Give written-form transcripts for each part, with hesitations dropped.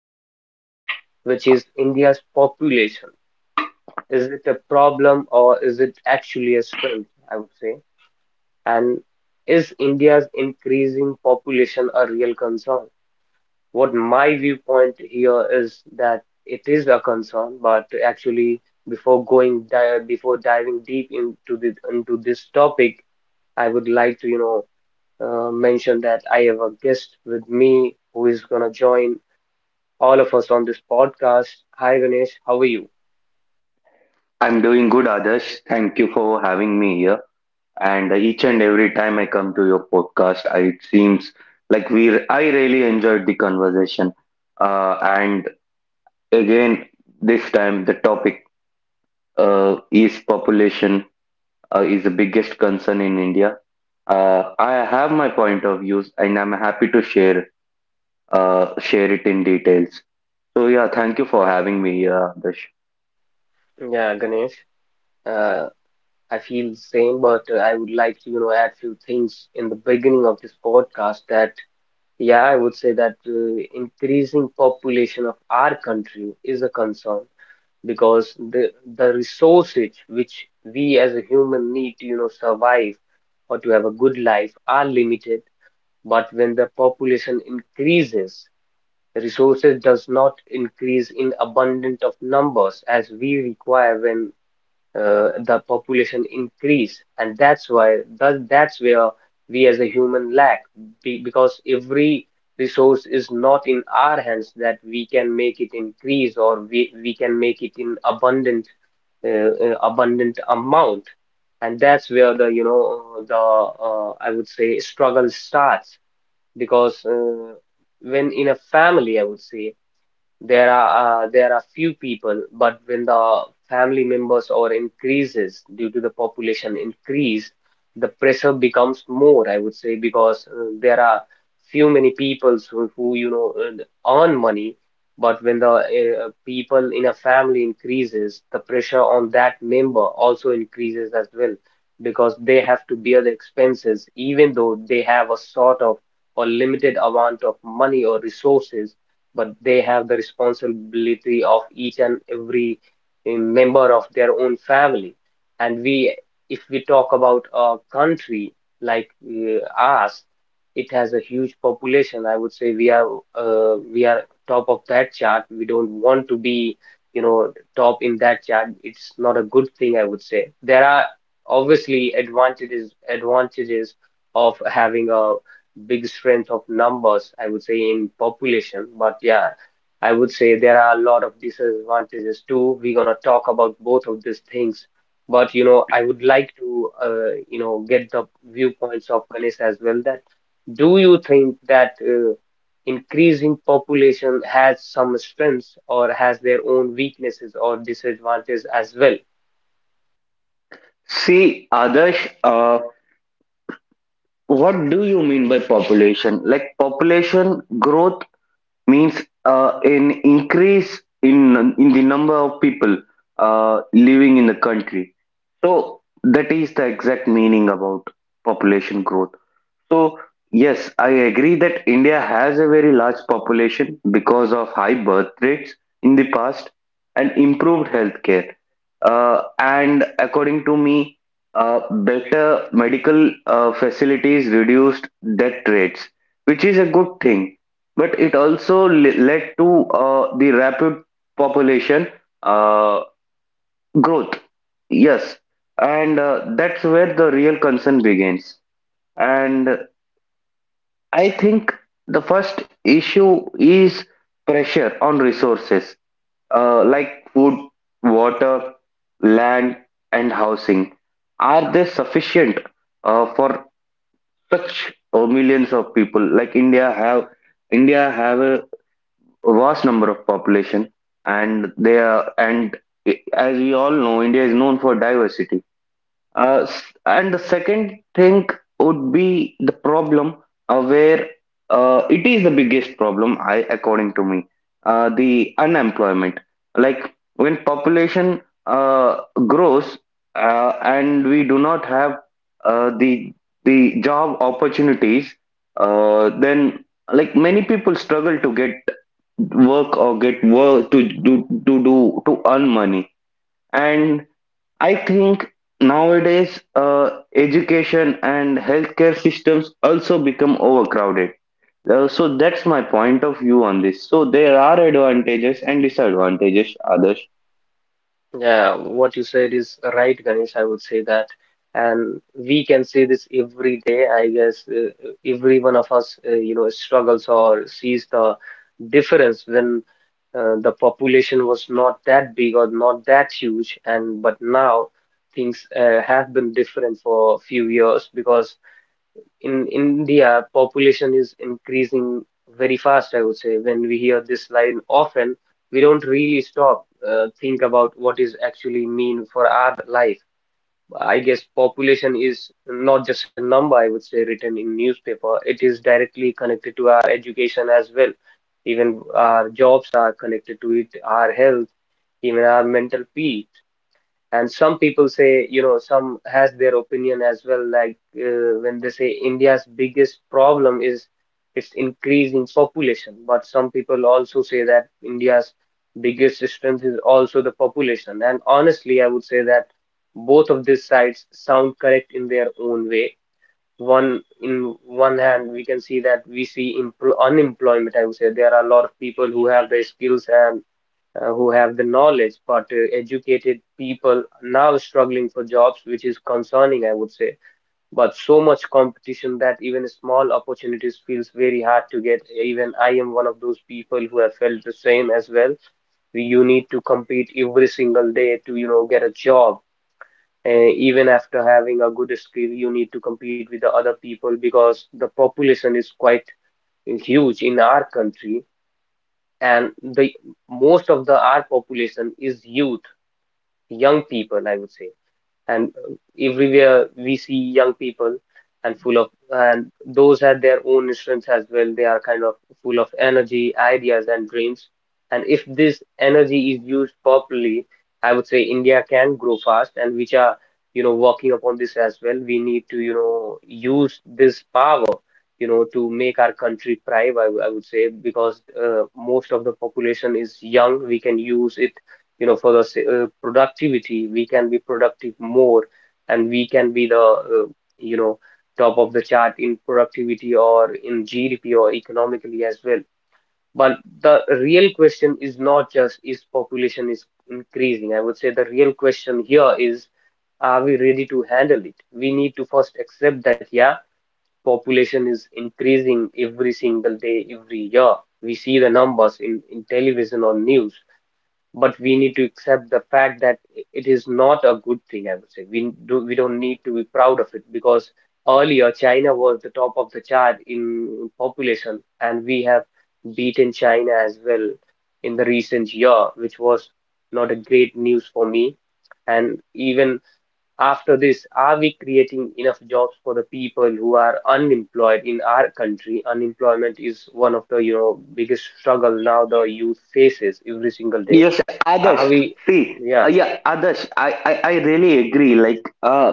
As well, which is India's population. Is it a problem or is it actually a strength, I would say? And is India's increasing population a real concern? What my viewpoint here is that it is a concern, but actually, before going di before diving deep into the into this topic, I would like to, you know, mention that I have a guest with me who is gonna join all of us on this podcast. Hi, Ganesh. How are you? I'm doing good, Adarsh. Thank you for having me here. And each and every time I come to your podcast, it seems like we I really enjoyed the conversation. Uh, and again, this time the topic is population is the biggest concern in India. I have my point of views, and I'm happy to share share it in details. So yeah, thank you for having me here, Adarsh. Yeah, Ganesh. Uh, I feel the same, but I would like to, you know, add few things in the beginning of this podcast that, yeah, I would say that increasing population of our country is a concern because the resources which we as a human need to, you know, survive or to have a good life are limited. But when the population increases, resources does not increase in abundant of numbers as we require when the population increase, and that's why that's where we as a human lack be, because every resource is not in our hands that we can make it increase, or we can make it in abundant abundant amount, and that's where the, you know, the I would say struggle starts because when in a family, I would say, there are there are few people, but when the family members or increases due to the population increase, the pressure becomes more, I would say, because there are few many peoples who, who earn money, but when the people in a family increases, the pressure on that member also increases as well, because they have to bear the expenses, even though they have a sort of or limited amount of money or resources, but they have the responsibility of each and every member of their own family. And we, if we talk about a country like us, it has a huge population. I would say we are we are top of that chart. We don't want to be, you know, top in that chart. It's not a good thing, I would say. There are obviously advantages of having a big strength of numbers, I would say, in population. But yeah, I would say there are a lot of disadvantages too. We're gonna talk about both of these things. But you know, I would like to, you know, get the viewpoints of Ganesh as well. That do you think that increasing population has some strengths or has their own weaknesses or disadvantages as well? See, Adarsh. What do you mean by population? Like population growth means an increase in the number of people living in the country. So that is the exact meaning about population growth. So, yes, I agree that India has a very large population because of high birth rates in the past and improved healthcare. And according to me, better medical facilities reduced death rates, which is a good thing. But it also led to the rapid population uh, growth. Yes, and that's where the real concern begins. And I think the first issue is pressure on resources like food, water, land, and housing. Are they sufficient for such millions of people? Like India have a vast number of population, and they are and as we all know, India is known for diversity and the second thing would be the problem where it is the biggest problem, I according to me, the unemployment. Like when population grows and we do not have uh, the the job opportunities, then like many people struggle to get work or get work to do to earn money. And I think nowadays education and healthcare systems also become overcrowded. So that's my point of view on this. So there are advantages and disadvantages, others. Yeah, what you said is right, Ganesh, I would say that. And we can say this every day. I guess every one of us, you know, struggles or sees the difference when the population was not that big or not that huge. And but now things have been different for a few years because in India, population is increasing very fast, I would say. When we hear this line often, we don't really stop, think about what is actually mean for our life. I guess population is not just a number, I would say, written in newspaper. It is directly connected to our education as well. Even our jobs are connected to it, our health, even our mental peace, and some people say, you know, some has their opinion as well, like when they say India's biggest problem is its increase in population, but some people also say that India's biggest strength is also the population. And honestly, I would say that both of these sides sound correct in their own way. One in one hand, we can see that we see unemployment, I would say. There are a lot of people who have the skills and who have the knowledge, but educated people now struggling for jobs, which is concerning, I would say. But so much competition that even small opportunities feels very hard to get. Even I am one of those people who have felt the same as well. You need to compete every single day to, you know, get a job. Even after having a good skill, you need to compete with the other people because the population is quite huge in our country, and the most of the our population is youth, young people, I would say. And everywhere we see young people, and full of, and those had their own instruments as well. They are kind of full of energy, ideas, and dreams. And if this energy is used properly, I would say India can grow fast, and which are, you know, working upon this as well. We need to, you know, use this power, you know, to make our country thrive, I would say, because most of the population is young. We can use it, you know, for the productivity. We can be productive more, and we can be the, you know, top of the chart in productivity or in GDP or economically as well. But the real question is not just is population is increasing, I would say. The real question here is, are we ready to handle it? We need to first accept that, yeah, population is increasing every single day, every year. We see the numbers in television or news, but we need to accept the fact that it is not a good thing, I would say. We n- do we don't need to be proud of it, because earlier China was the top of the chart in population, and we have beaten China as well in the recent year, which was not a great news for me. And even after this, are we creating enough jobs for the people who are unemployed in our country? Unemployment is one of the, you know, biggest struggle now the youth faces every single day. Yes, Adarsh. Are we? See, Yeah, Adarsh, I really agree.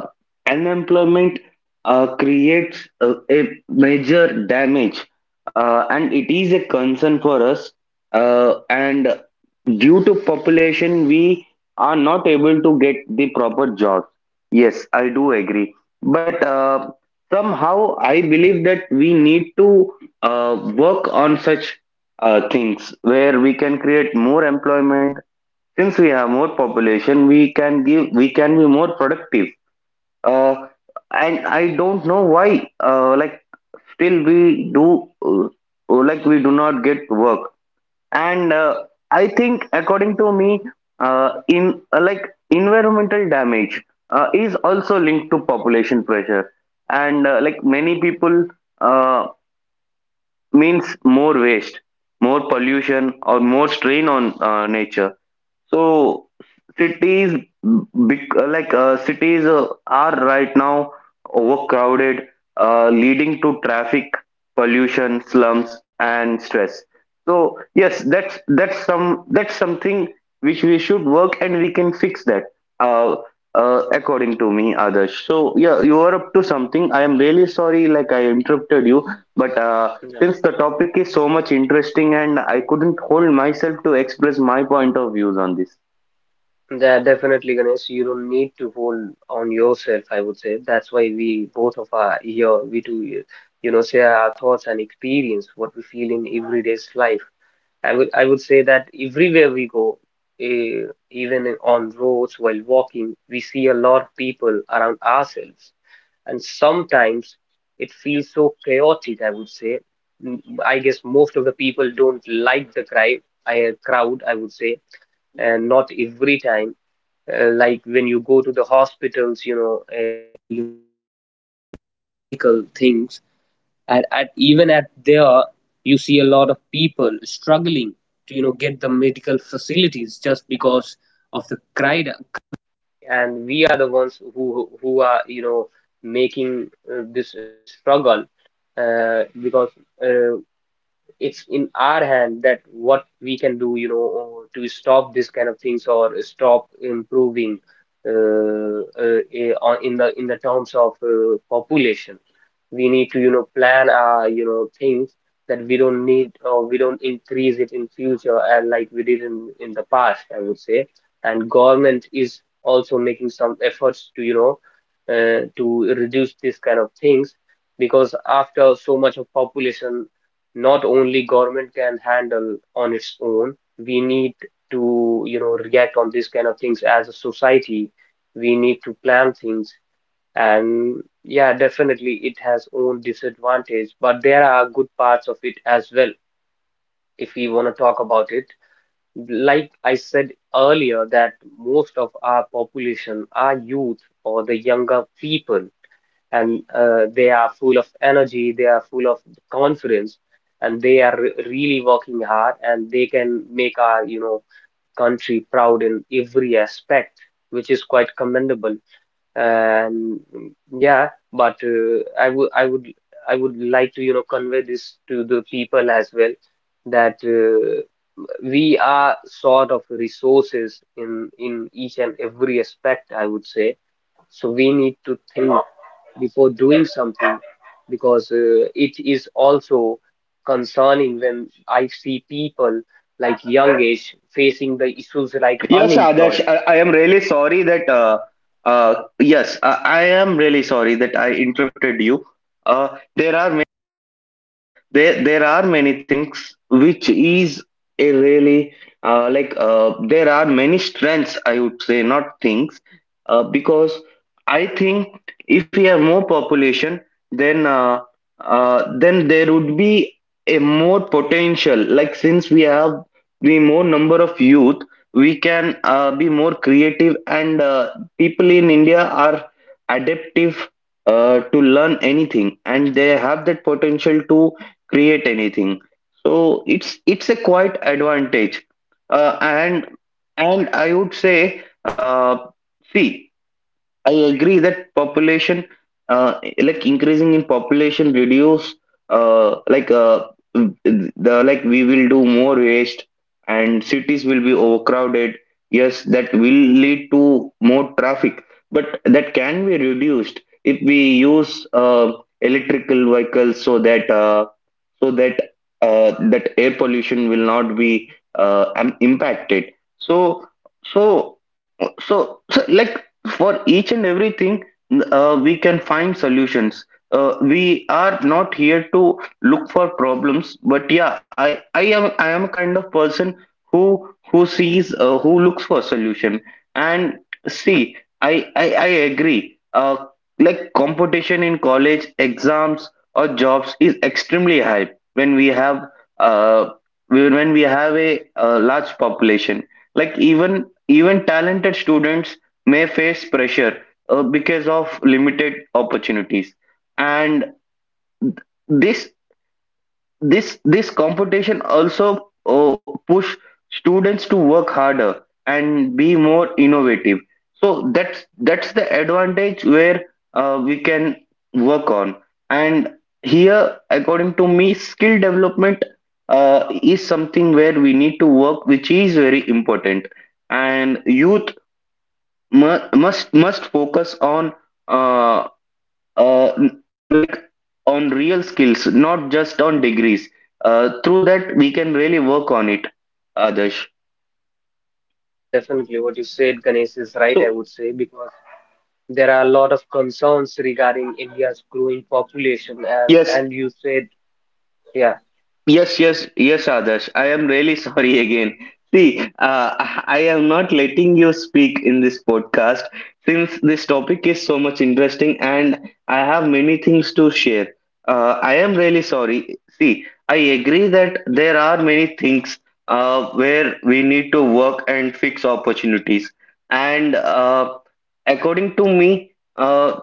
Unemployment creates a major damage, And it is a concern for us. And due to population, we are not able to get the proper jobs. Yes, I do agree. But somehow, I believe that we need to work on such things where we can create more employment since we have more population. We can give we can be more productive uh, and I don't know why still we do like we do not get work. And I think according to me, in like environmental damage is also linked to population pressure. And Like many people uh, means more waste, more pollution, or more strain on nature. So cities, bec- like cities are right now overcrowded, leading to traffic, pollution, slums, and stress. So yes, that's something which we should work and we can fix that. Uh, according to me, Adarsh. So yeah, you are up to something. I am really sorry, like I interrupted you, but yeah, since the topic is so much interesting and I couldn't hold myself to express my point of views on this. that definitely, Ganesh. You don't need to hold on yourself, I would say. That's why we both of our here, we do, you know, share our thoughts and experience what we feel in everyday's life. I would say that everywhere we go, even on roads while walking, we see a lot of people around ourselves, and sometimes it feels so chaotic, I would say. Mm, I guess most of the people don't like the crowd, I would say, and not every time like when you go to the hospitals, you know, who are, you know, making this struggle because uh, it's in our hand that what can do, you know, to stop this kind of things or stop improving in the terms of population. We need to, you know, plan our, you know, things that we don't need or we don't increase it in future and like we did in the past, I would say. And government is also making some efforts to, you know, to reduce this kind of things, because after so much of population, not only government can handle on its own. We need to, you know, react on these kind of things as a society. We need to plan things. And yeah, definitely it has own disadvantage, but there are good parts of it as well, if we want to talk about it. Like I said earlier, that most of our population are youth or the younger people, and they are full of energy, they are full of confidence, and they are really working hard, and they can make our, you know, country proud in every aspect, which is quite commendable. And yeah, but uh, I would like to, you know, convey this to the people as well that we are sort of resources in each and every aspect, I would say. So we need to think before doing something, because it is also concerning when I see people like young age facing the issues like Yes, Adarsh, unemployment. I am really sorry that, yes, I am really sorry that I interrupted you. There are there are many things which is a really there are many strengths, I would say, not things, because I think if we have more population, then uh, then there would be a more potential. Like since we have the more number of youth, we can be more creative. And People in India are adaptive to learn anything, and they have that potential to create anything, so it's a quite advantage. Uh, and and I would say uh, see, I agree that population uh, increasing in population reduce uh, like the like we will do more waste, and cities will be overcrowded. Yes, that will lead to more traffic, but that can be reduced if we use uh, electrical vehicles, so that so that that air pollution will not be impacted. So so so, so like for each and everything we can find solutions. We are not here to look for problems, but yeah, I am kind of person who sees who looks for solution. And see, I agree like competition in college exams or jobs is extremely high when we have uh, a large population. Like even talented students may face pressure because of limited opportunities, and this this competition also push students to work harder and be more innovative. So that's the advantage where we can work on. And here, according to me, skill development is something where we need to work, which is very important, and youth must focus on uh, uh, like on real skills, not just on degrees. Through that, we can really work on it, Adarsh. Yeah, definitely what you said, Ganesh, is right, I So would say, because there are a lot of concerns regarding India's growing population, yes. and you said, yeah. Yes, yes, yes, Adarsh. I am really sorry again. See, I am not letting you speak in this podcast since this topic is so much interesting and I have many things to share. I am really sorry. See, I agree that there are many things where we need to work and fix opportunities. And according to me,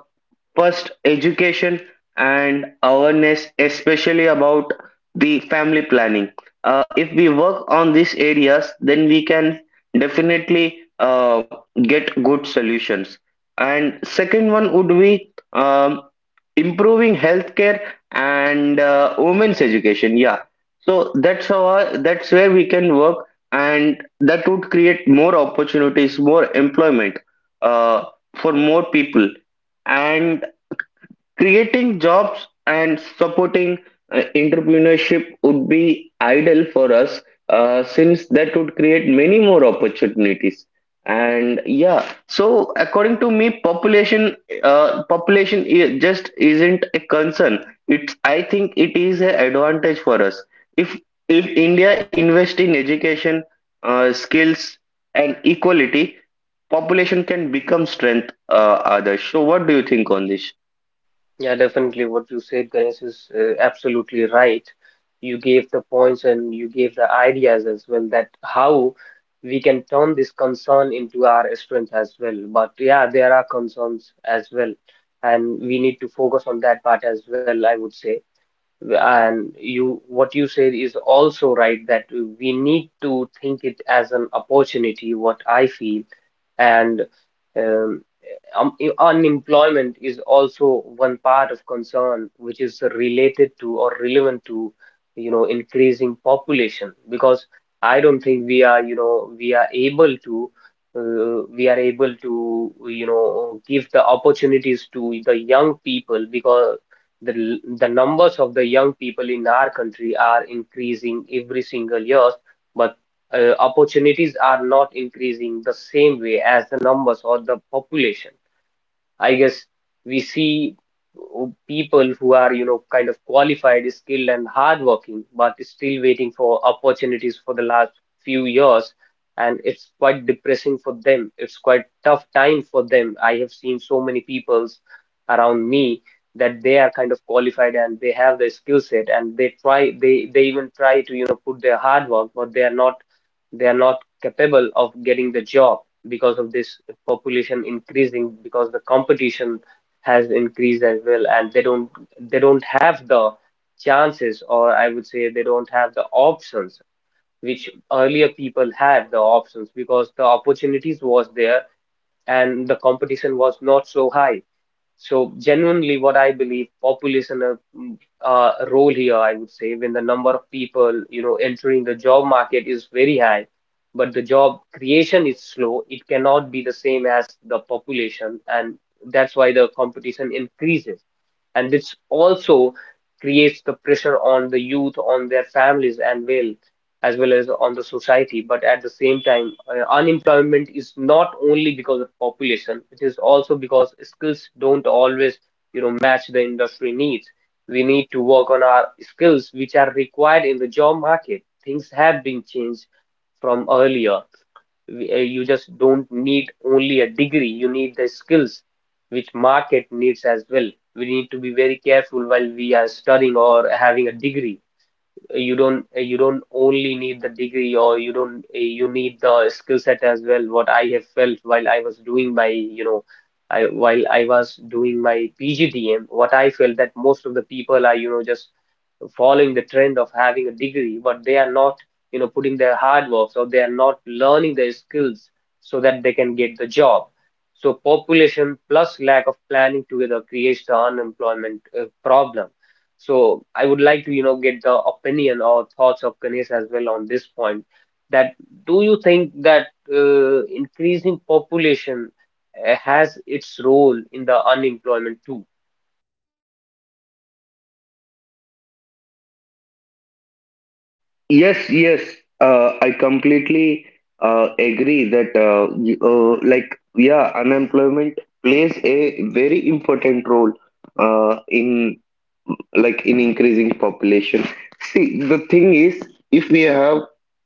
first, education and awareness, especially about the family planning. If we work on these areas, then we can definitely get good solutions. And second one would be improving healthcare and women's education. Yeah, so that's that's where we can work, and that would create more opportunities, more employment uh, for more people. And creating jobs and supporting entrepreneurship would be ideal for us since that would create many more opportunities. And yeah, so according to me, population just isn't a concern. It's, I think it is an advantage for us. If India invest in education, skills, and equality, population can become strength. Others. So what do you think on this? Yeah, definitely. What you said, Ganesh, is absolutely right. You gave the points and you gave the ideas as well that how we can turn this concern into our strength as well. But yeah, there are concerns as well, and we need to focus on that part as well, I would say. And you, what you said is also right that we need to think it as an opportunity, what I feel, and… um Unemployment is also one part of concern which is related to or relevant to, you know, increasing population because I don't think we are, you know, we are able to, we are able to, you know, give the opportunities to the young people because the numbers of the young people in our country are increasing every single year, but opportunities are not increasing the same way as the numbers or the population. I guess we see people who are, you know, kind of qualified, skilled, and hardworking, but still waiting for opportunities for the last few years. And it's quite depressing for them. It's quite tough time for them. I have seen so many peoples around me that they are kind of qualified and they have the skill set and they try, they even try to, you know, put their hard work, but they are not capable of getting the job because of this population increasing because the competition has increased as well and they don't have the chances, or I would say they don't have the options which earlier people had the options because the opportunities was there and the competition was not so high. So genuinely, what I believe, population a role here, I would say, when the number of people, you know, entering the job market is very high, but the job creation is slow, it cannot be the same as the population, and that's why the competition increases. And this also creates the pressure on the youth, on their families, and well as on the society. But at the same time, unemployment is not only because of population, it is also because skills don't always, you know, match the industry needs. We need to work on our skills which are required in the job market. Things have been changed from earlier. You just don't need only a degree, you need the skills which market needs as well. We need to be very careful while we are studying or having a degree. You don't only need the degree, or you don't you need the skill set as well. What I have felt while I was doing my, you know, I while I was doing my PGDM, what I felt that most of the people are, you know, just following the trend of having a degree, but they are not, you know, putting their hard work, so they are not learning their skills so that they can get the job. So population plus lack of planning together creates the unemployment problem. So I would like to, you know, get the opinion or thoughts of Ganesh as well on this point. That, do you think that increasing population has its role in the unemployment too? Yes, yes. I completely agree that yeah, unemployment plays a very important role uh, in in increasing population. See, the thing is, if we have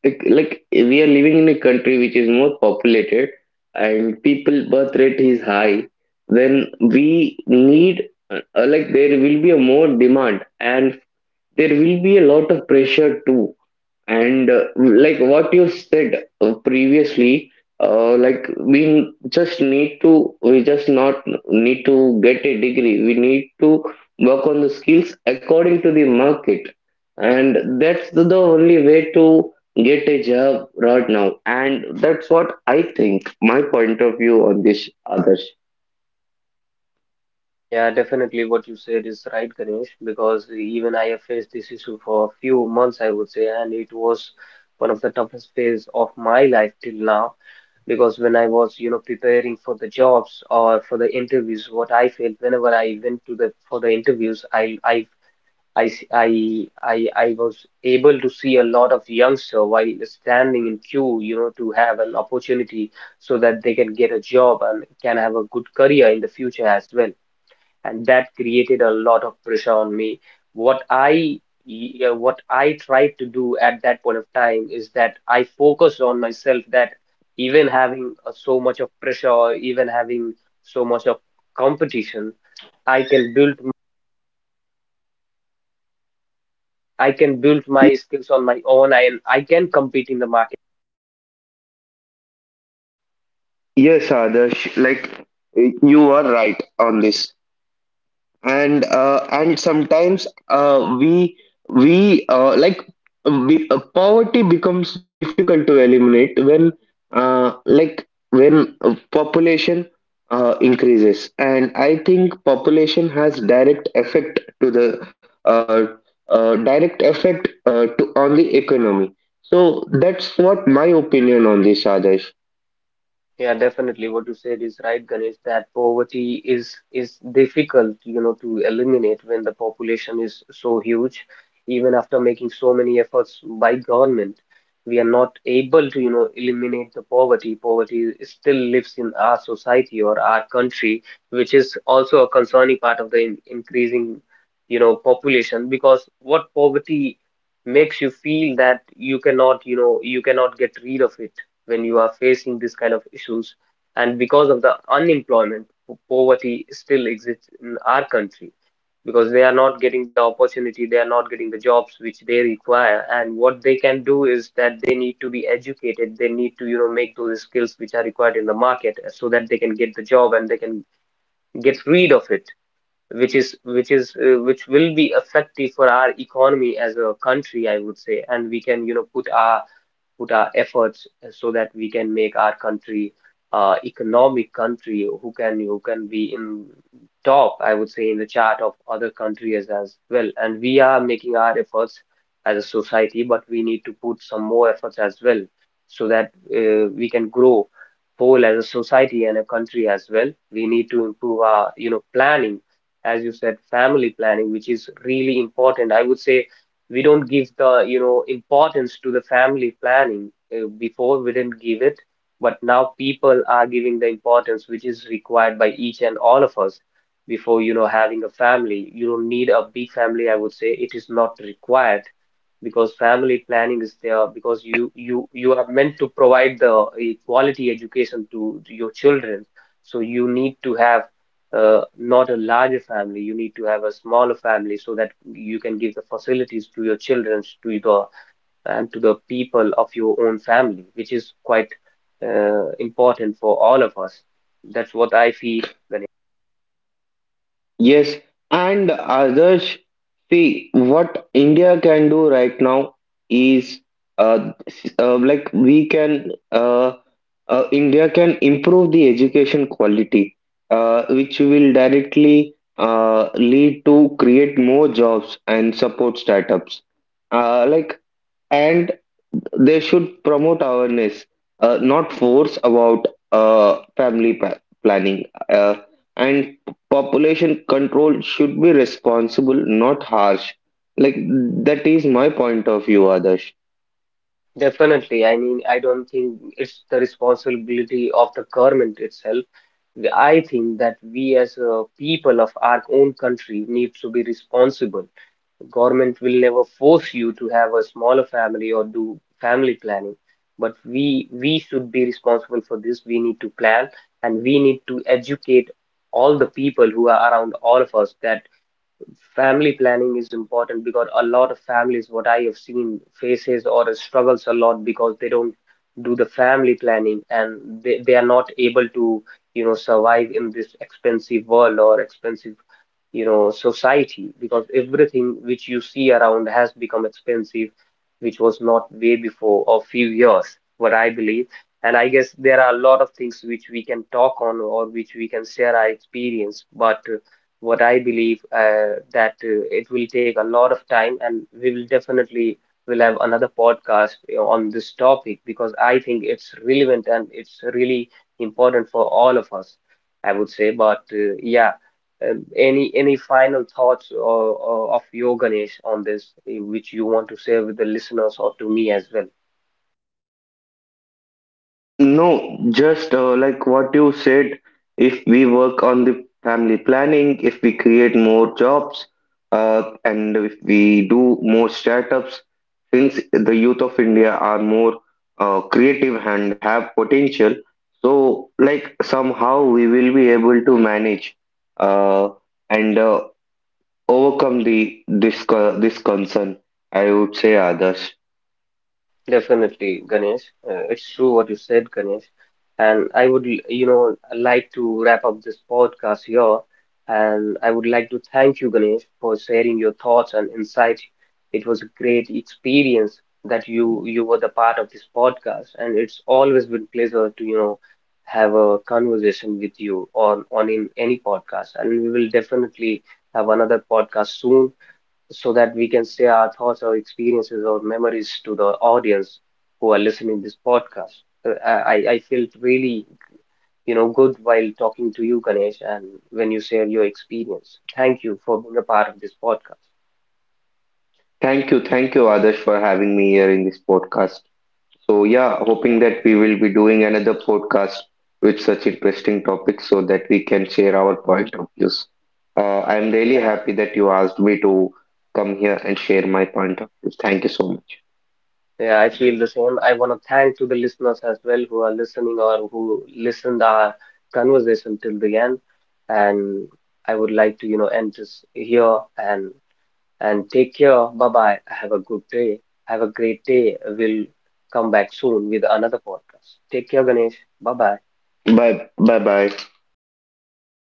like we are living in a country which is more populated and people birth rate is high, then we need there will be a more demand and there will be a lot of pressure too. And Like what you said previously, uh, like we just need to we just not need to get a degree, we need to work on the skills according to the market, and that's the only way to get a job right now, and that's what I think my point of view on this, others. Yeah, definitely what you said is right, Ganesh, because even I have faced this issue for a few months, I would say, and it was one of the toughest phase of my life till now. Because when I was, you know, preparing for the jobs or for the interviews, what I felt whenever I went to the for the interviews, I s- I was able to see a lot of youngster while standing in queue, you know, to have an opportunity so that they can get a job and can have a good career in the future as well, and that created a lot of pressure on me. What I, yeah, what I tried to do at that point of time is that I focused on myself that even having so much of pressure, or even having so much of competition, I can build I can build my skills on my own and I can compete in the market. Yes, Adarsh, like you are right on this. And sometimes we uh, like poverty becomes difficult to eliminate uh, like when population increases. And I think population has direct effect to the uh, direct effect to on the economy. So that's what my opinion on this, adesh. Yeah, definitely. What you said is right, Ganesh, that poverty is difficult, you know, to eliminate when the population is so huge. Even after making so many efforts by government, we are not able to, you know, eliminate the poverty. Poverty still lives in our society or our country, which is also a concerning part of the in increasing, you know, population, because what poverty makes you feel that you cannot, you know, you cannot get rid of it when you are facing this kind of issues. And because of the unemployment, poverty still exists in our country because they are not getting the opportunity, they are not getting the jobs which they require. And what they can do is that they need to be educated, they need to, you know, make those skills which are required in the market so that they can get the job and they can get rid of it, which will be effective for our economy as a country, I would say. And we can, you know, put our efforts so that we can make our country economic country who can be in top, I would say, in the chart of other countries as well, and we are making our efforts as a society, but we need to put some more efforts as well so that we can grow whole as a society and a country as well. We need to improve our, you know, planning, as you said, family planning, which is really important, I would say. We don't give the, you know, importance to the family planning. Before we didn't give it, but now people are giving the importance which is required by each and all of us. Before, you know, having a family, you don't need a big family, I would say, it is not required, because family planning is there because you you are meant to provide the quality education to your children, so you need to have not a larger family. You need to have a smaller family so that you can give the facilities to your children, to the and to the people of your own family, which is quite important for all of us. That's what I feel, Ganesh. Yes, and others, see what India can do right now is s- like we can India can improve the education quality, which will directly lead to create more jobs and support startups. Uh, like and they should promote awareness, not force, about planning. And population control should be responsible, not harsh. Like that is my point of view, Adarsh. Definitely, I mean, I don't think it's the responsibility of the government itself. I think that we as people of our own country need to be responsible. Government will never force you to have a smaller family or do family planning, but we should be responsible for this. We need to plan and we need to educate all the people who are around all of us that family planning is important, because a lot of families, what I have seen, faces or struggles a lot because they don't do the family planning and they are not able to, you know, survive in this expensive world, or expensive, you know, society, because everything which you see around has become expensive, which was not way before a few years, what I believe. And I guess there are a lot of things which we can talk on, or which we can share our experience, but what I believe that it will take a lot of time and we will definitely will have another podcast on this topic because I think it's relevant and it's really important for all of us, I would say. But yeah, any final thoughts or of your Ganesh on this, which you want to share with the listeners or to me as well? No, just like what you said, if we work on the family planning, if we create more jobs, and if we do more startups, since the youth of India are more creative and have potential, so like somehow we will be able to manage uh, and overcome the this this concern, I would say, Adarsh. Definitely, Ganesh. It's true what you said, Ganesh. And I would, you know, like to wrap up this podcast here. And I would like to thank you, Ganesh, for sharing your thoughts and insights. It was a great experience that you were the part of this podcast, and it's always been pleasure to, you know, have a conversation with you on in any podcast. And we will definitely have another podcast soon so that we can share our thoughts or experiences or memories to the audience who are listening this podcast. I felt really, you know, good while talking to you, Ganesh, and when you share your experience. Thank you for being a part of this podcast. Thank you, Adarsh, for having me here in this podcast. So, yeah, Yeah, hoping that we will be doing another podcast with such interesting topics so that we can share our point of views. I'm really yeah, happy that you asked me to come here and share my point of view. Thank you so much. yeah. I feel the same. I want to thank to the listeners as well who are listening or who listened our conversation till the end. And I would like to, you know, end this here and take care. Bye bye. Have a good day. Have a great day. We'll come back soon with another podcast. Take care, Ganesh. Bye bye. Bye bye bye.